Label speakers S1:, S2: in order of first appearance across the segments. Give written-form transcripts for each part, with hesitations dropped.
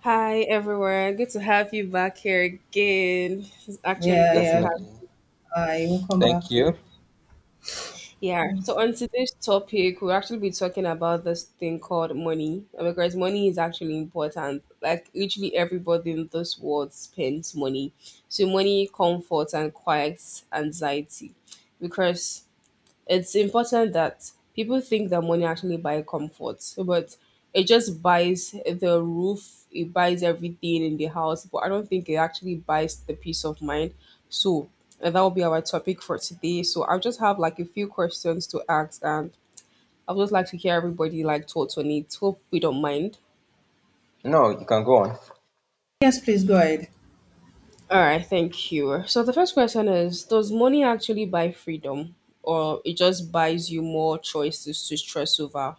S1: Hi everyone, good to have you back here again. It's actually
S2: Yeah,
S1: good to
S2: yeah.
S1: have
S3: Definitely.
S2: I will come
S1: you.
S2: back.
S3: Thank you.
S1: Yeah, so on today's topic, we'll actually be talking about this thing called money, because money is actually important. Like, literally, everybody in this world spends money. So, money comforts and quiets anxiety because it's important that people think that money actually buy comfort, but it just buys the roof, it buys everything in the house, but I don't think it actually buys the peace of mind. So that will be our topic for today. So I'll just have like a few questions to ask, and I'd just like to hear everybody like thoughts on it. Hope we don't mind.
S3: No, you can go on.
S2: Yes, please go ahead.
S1: All right, thank you. So the first question is: does money actually buy freedom, or it just buys you more choices to stress over?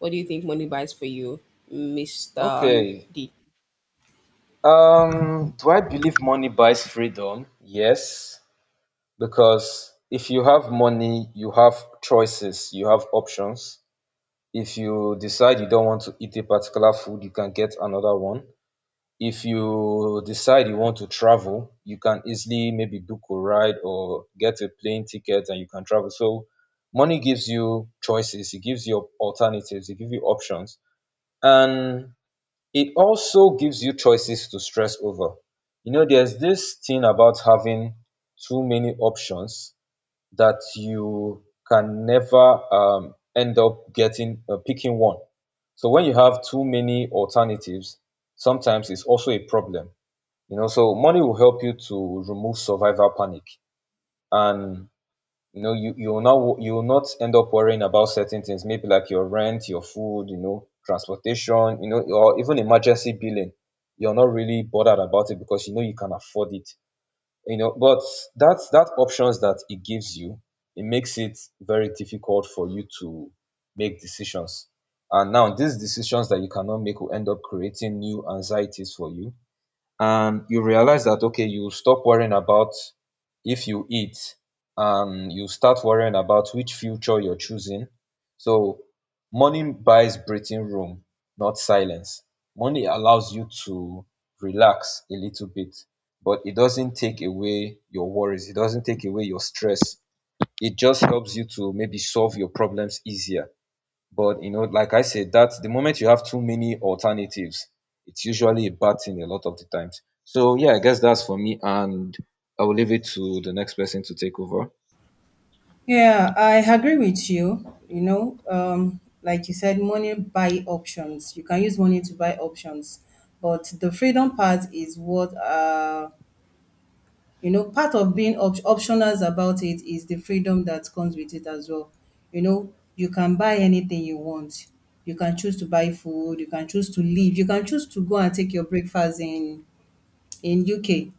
S1: What do you think money buys for you, Mr.
S3: Okay.
S1: D?
S3: Do I believe money buys freedom? Yes, because if you have money, you have choices, you have options. If you decide you don't want to eat a particular food, you can get another one. If you decide you want to travel, you can easily maybe book a ride or get a plane ticket and you can travel. So money gives you choices, it gives you alternatives, it gives you options. And it also gives you choices to stress over. You know, there's this thing about having too many options that you can never end up getting picking one. So when you have too many alternatives, sometimes it's also a problem. You know, so money will help you to remove survivor panic and you know, you will not you will not end up worrying about certain things, maybe like your rent, your food, you know, transportation, you know, or even emergency billing. You're not really bothered about it because you know you can afford it. You know, but that options that it gives you, it makes it very difficult for you to make decisions. And now these decisions that you cannot make will end up creating new anxieties for you, and you realize that okay, you stop worrying about if you eat and you start worrying about which future you're choosing. So money buys breathing room, not silence. Money allows you to relax a little bit, but it doesn't take away your worries, it doesn't take away your stress. It just helps you to maybe solve your problems easier. But you know, like I said, that the moment you have too many alternatives, it's usually a bad thing a lot of the times. So yeah, I guess that's for me, and I will leave it to the next person to take over.
S2: Yeah, I agree with you. Like you said, money buy options. You can use money to buy options, but the freedom part is what part of being optionals about it is the freedom that comes with it as well. You know, you can buy anything you want. You can choose to buy food. You can choose to leave. You can choose to go and take your breakfast in UK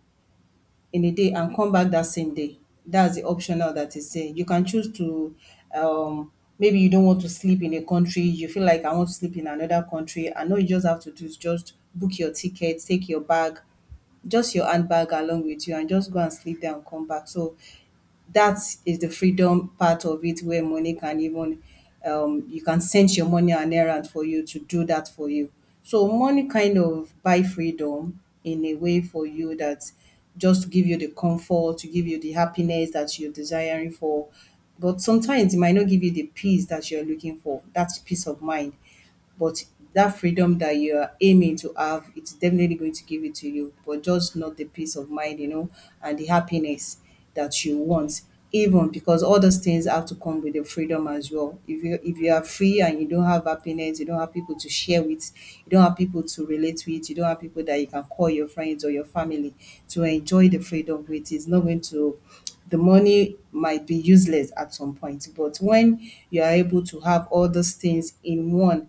S2: in a day and come back that same day. That's the optional that is there. You can choose to, um, maybe you don't want to sleep in a country, you feel like I want to sleep in another country, and all you just have to do is just book your ticket, take your bag, just your handbag along with you, and just go and sleep there and come back. So that is the freedom part of it where money can even you can send your money on errand for you to do that for you. So money kind of buy freedom in a way for you that just to give you the comfort, to give you the happiness that you're desiring for. But sometimes it might not give you the peace that you're looking for, that peace of mind, but that freedom that you are aiming to have, it's definitely going to give it to you, but just not the peace of mind, you know, and the happiness that you want. Even because all those things have to come with the freedom as well. If you are free and you don't have happiness, you don't have people to share with, you don't have people to relate with, you don't have people that you can call your friends or your family to enjoy the freedom with, it's not going to, the money might be useless at some point. But when you are able to have all those things in one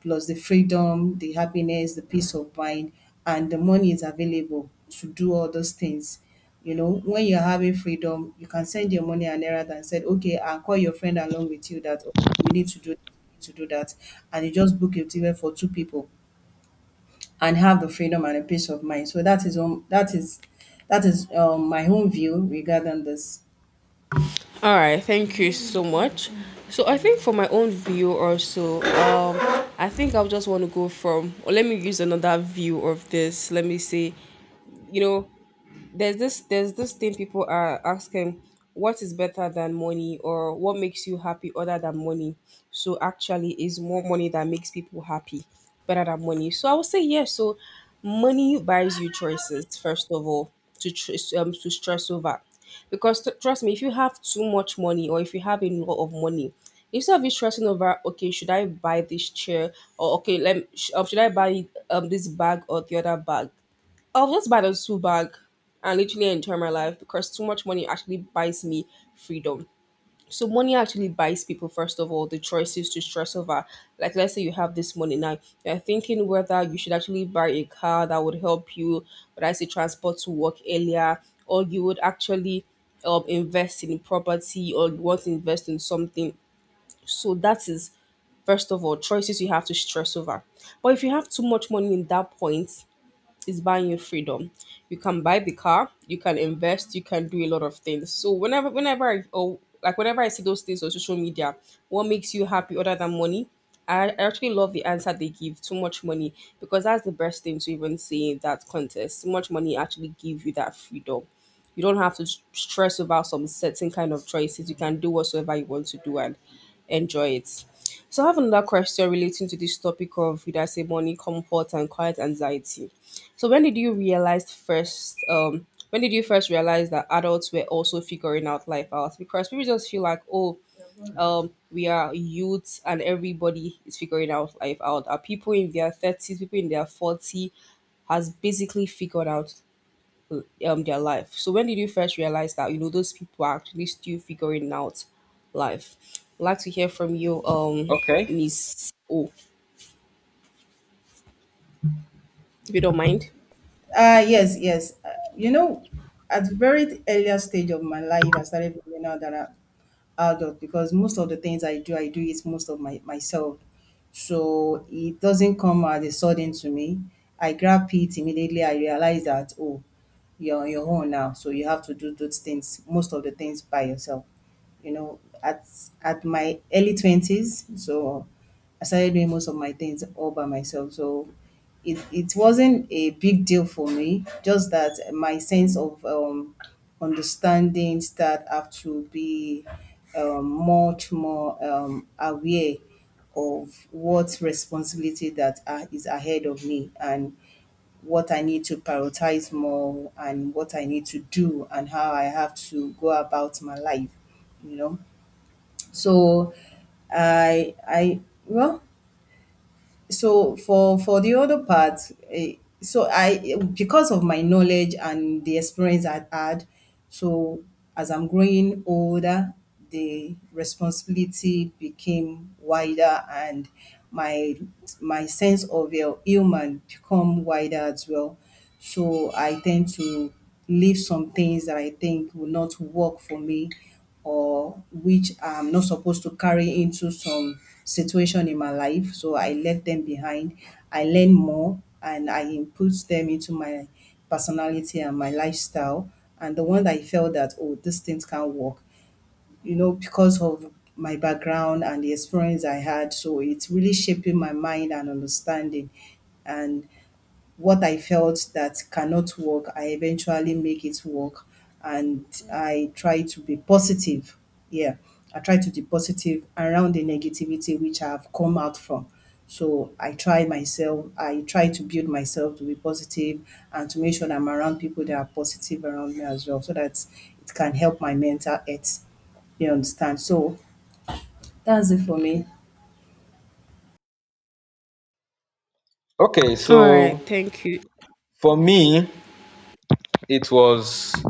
S2: plus the freedom, the happiness, the peace of mind, and the money is available to do all those things. You know, when you're having freedom, you can send your money and errand and said, okay, I'll call your friend along with you that oh, we need to do that, and you just book it even for two people and have the freedom and the peace of mind. So that is my own view regarding this.
S1: All right, thank you so much. So I think for my own view also, I think I'll just want to go from, or let me use another view of this. Let me say, you know, there's this thing people are asking, what is better than money, or what makes you happy other than money? So actually it's more money that makes people happy better than money, so I would say yes. So money buys you choices, first of all to tr- to stress over, because trust me, if you have too much money or if you have a lot of money, instead of you stressing over, okay, should I buy this chair, or okay, should I buy this bag or the other bag, I'll just buy the two bag and literally enjoy my life, because too much money actually buys me freedom. So money actually buys people, first of all, the choices to stress over. Like, let's say you have this money now, you're thinking whether you should actually buy a car that would help you, but I say, transport to work earlier, or you would actually invest in property, or you want to invest in something. So that is first of all choices you have to stress over. But if you have too much money, in that point, is buying you freedom. You can buy the car, you can invest, you can do a lot of things. So whenever, I, or like whenever I see those things on social media, what makes you happy other than money? I actually love the answer they give. Too much money, because that's the best thing to even say in that contest. Too much money actually give you that freedom. You don't have to stress about some certain kind of choices. You can do whatsoever you want to do and enjoy it. So I have another question relating to this topic of, would I say, money, comfort, and quiet anxiety. So when did you realize first? When did you first realize that adults were also figuring out life out? Because people just feel like, oh, we are youths and everybody is figuring out life out. Are people in their thirties, people in their 40, has basically figured out their life. So when did you first realize that, you know, those people are actually still figuring out life? I'd like to hear from you,
S3: Okay.
S1: Miss O, if you don't mind.
S2: Yes, yes. You know, at the very earlier stage of my life, I started figuring out that I'm adult because most of the things I do it most of my myself. So it doesn't come as a sudden to me. I grab it immediately. I realize that oh, you're on your own now, so you have to do those things, most of the things by yourself. You know, at my early 20s, so I started doing most of my things all by myself. So it wasn't a big deal for me, just that my sense of understanding start have to be much more aware of what responsibility that are, is ahead of me and what I need to prioritize more and what I need to do and how I have to go about my life, you know. So I well so for the other part, eh, I because of my knowledge and the experience I had, so as I'm growing older, the responsibility became wider and my my sense of human become wider as well. So I tend to leave some things that I think will not work for me or which I'm not supposed to carry into some situation in my life. So I left them behind. I learn more and I input them into my personality and my lifestyle and the one that I felt that oh these things can't work, you know, because of my background and the experience I had, so it's really shaping my mind and understanding, and what I felt that cannot work, I eventually make it work. And I try to be positive. Yeah, I try to be positive around the negativity which I have come out from. So I try myself, I try to build myself to be positive and to make sure that I'm around people that are positive around me as well, so that it can help my mental health. You understand? So that's it for me.
S3: Okay.
S1: All right,
S3: So
S1: thank you.
S3: for me, it was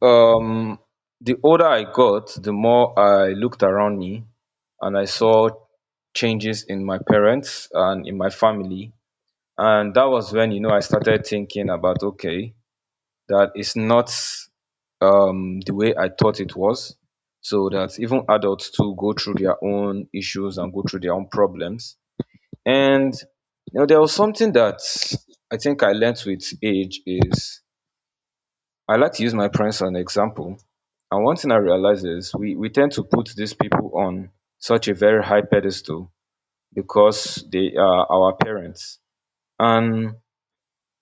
S3: um the older I got, the more I looked around me, and I saw changes in my parents and in my family, and that was when you know I started thinking about okay, that is not the way I thought it was. So that even adults too go through their own issues and go through their own problems. And you know, there was something that I think I learned with age is I like to use my parents as an example. And one thing I realize is we tend to put these people on such a very high pedestal because they are our parents. And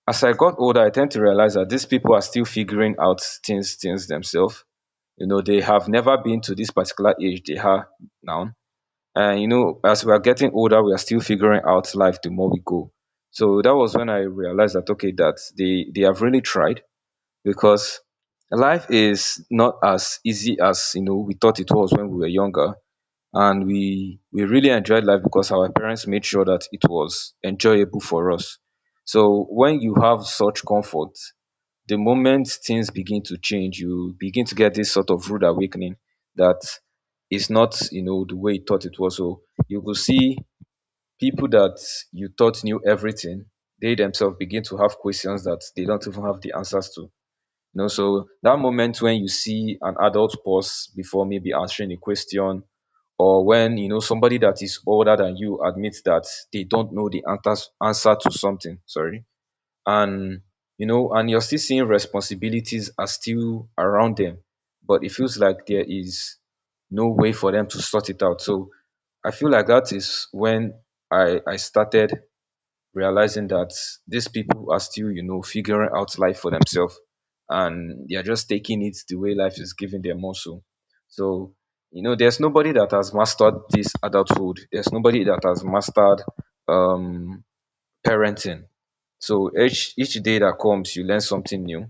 S3: as I got older, I tend to realize that these people are still figuring out things themselves. You know, they have never been to this particular age they are now. And you know, as we are getting older, we are still figuring out life the more we go. So that was when I realized that okay, that they have really tried, because life is not as easy as you know we thought it was when we were younger, and we really enjoyed life because our parents made sure that it was enjoyable for us. So when you have such comfort, the moment things begin to change, you begin to get this sort of rude awakening that is not, you know, the way you thought it was. So you will see people that you thought knew everything, they themselves begin to have questions that they don't even have the answers to. You know, so that moment when you see an adult pause before maybe answering a question, or when you know somebody that is older than you admits that they don't know the answer to something. Sorry. And you know, and you're still seeing responsibilities are still around them, but it feels like there is no way for them to sort it out. So I feel like that is when I started realizing that these people are still you know figuring out life for themselves, and they're just taking it the way life is giving them also. So you know, there's nobody that has mastered this adulthood, there's nobody that has mastered um parenting. So each day that comes, you learn something new,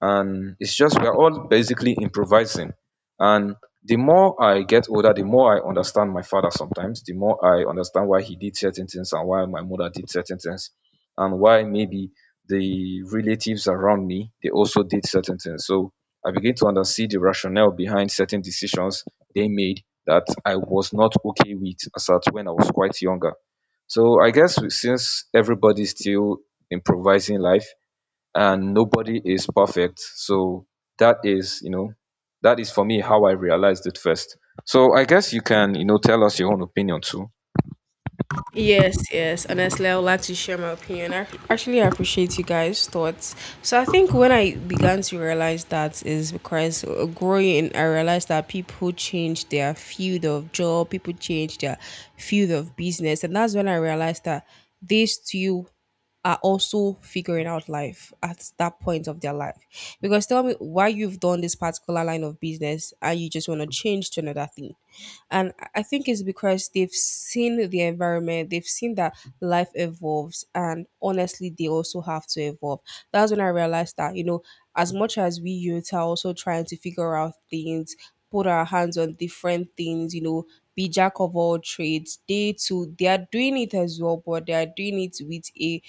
S3: and it's just we're all basically improvising. And the more I get older, the more I understand my father. Sometimes, the more I understand why he did certain things and why my mother did certain things, and why maybe the relatives around me they also did certain things. So I begin to understand the rationale behind certain decisions they made that I was not okay with as at when I was quite younger. So I guess since everybody's still improvising life and nobody is perfect. So that is, you know, that is for me how I realized it first. So I guess you can, you know, tell us your own opinion too.
S1: Yes, yes. Honestly, I would like to share my opinion. I actually appreciate you guys' thoughts. So I think when I began to realize that, is because, growing, I realized that people change their field of job, people change their field of business, and that's when I realized that these two are also figuring out life at that point of their life. Because tell me why you've done this particular line of business and you just want to change to another thing. And I think it's because they've seen the environment, they've seen that life evolves, and honestly, they also have to evolve. That's when I realized that, you know, as much as we youth are also trying to figure out things, put our hands on different things, you know, be jack of all trades, they too, they are doing it as well, but they are doing it with a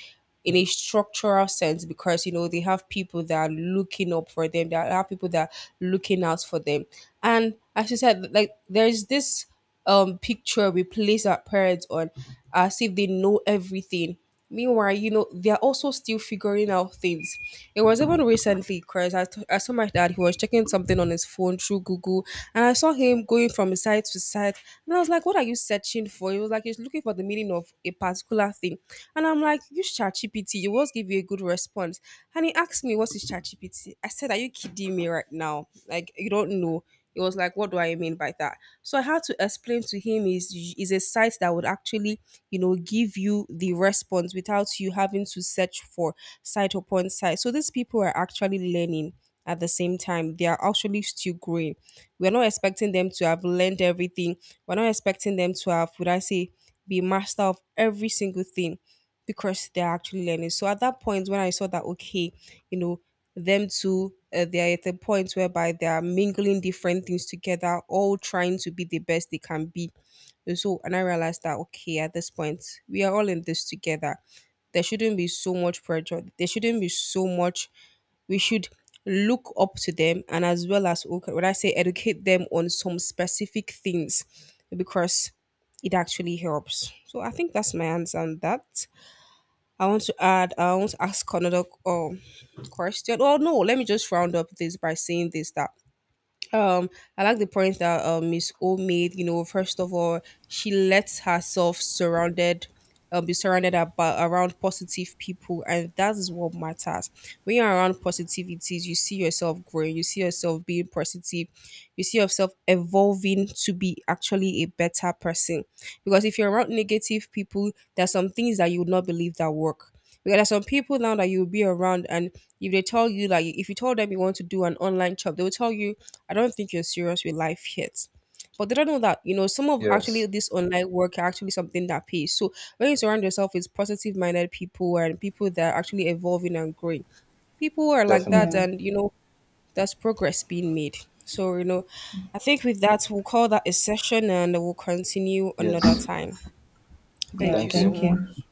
S1: in a structural sense, because, you know, they have people that are looking up for them, they have people that are looking out for them. And as you said, like, there's this picture we place our parents on, as if they know everything, meanwhile, you know, they're also still figuring out things. It was even recently, because I saw my dad, he was checking something on his phone through Google, and I saw him going from site to site. And I was like, what are you searching for? He was like, he's looking for the meaning of a particular thing. And I'm like, use ChatGPT, it will give you a good response. And he asked me, what is ChatGPT? I said, are you kidding me right now? Like, you don't know? He was like, what do I mean by that? So I had to explain to him, is a site that would actually, you know, give you the response without you having to search for site upon site. So these people are actually learning, at the same time they are actually still growing. We're not expecting them to have learned everything, we're not expecting them to have, would I say, be master of every single thing, because they're actually learning. So at that point when I saw that, okay, you know, them two, they're at the point whereby they are mingling different things together, all trying to be the best they can be. And so, and I realized that, okay, at this point, we are all in this together. There shouldn't be so much pressure, there shouldn't be so much, we should look up to them, and as well as, okay, when I say, educate them on some specific things, because it actually helps. So I think that's my answer on that. I want to ask another question. Well, no, let me just round up this by saying this, that um, I like the point that Miss O made. You know, first of all, she lets herself surrounded, be surrounded about around positive people, and that is what matters. When you're around positivities, you see yourself growing. You see yourself being positive. You see yourself evolving to be actually a better person. Because if you're around negative people, there's some things that you would not believe that work. Because there's some people now that you'll be around, and if they tell you, like, if you told them you want to do an online job, they will tell you, I don't think you're serious with life yet. But they don't know that, you know, some of actually
S3: Yes,
S1: this online work are actually something that pays. So when you surround yourself with positive minded people, and people that are actually evolving and growing, people who are like that,
S2: Yeah,
S3: definitely.
S1: and, you know, there's progress being made. So, you know, I think with that we'll call that a session, and we'll continue another
S3: Yes.
S1: time.
S2: yeah,
S1: Thank you
S3: Thank you.
S1: so
S2: thank you.
S1: much.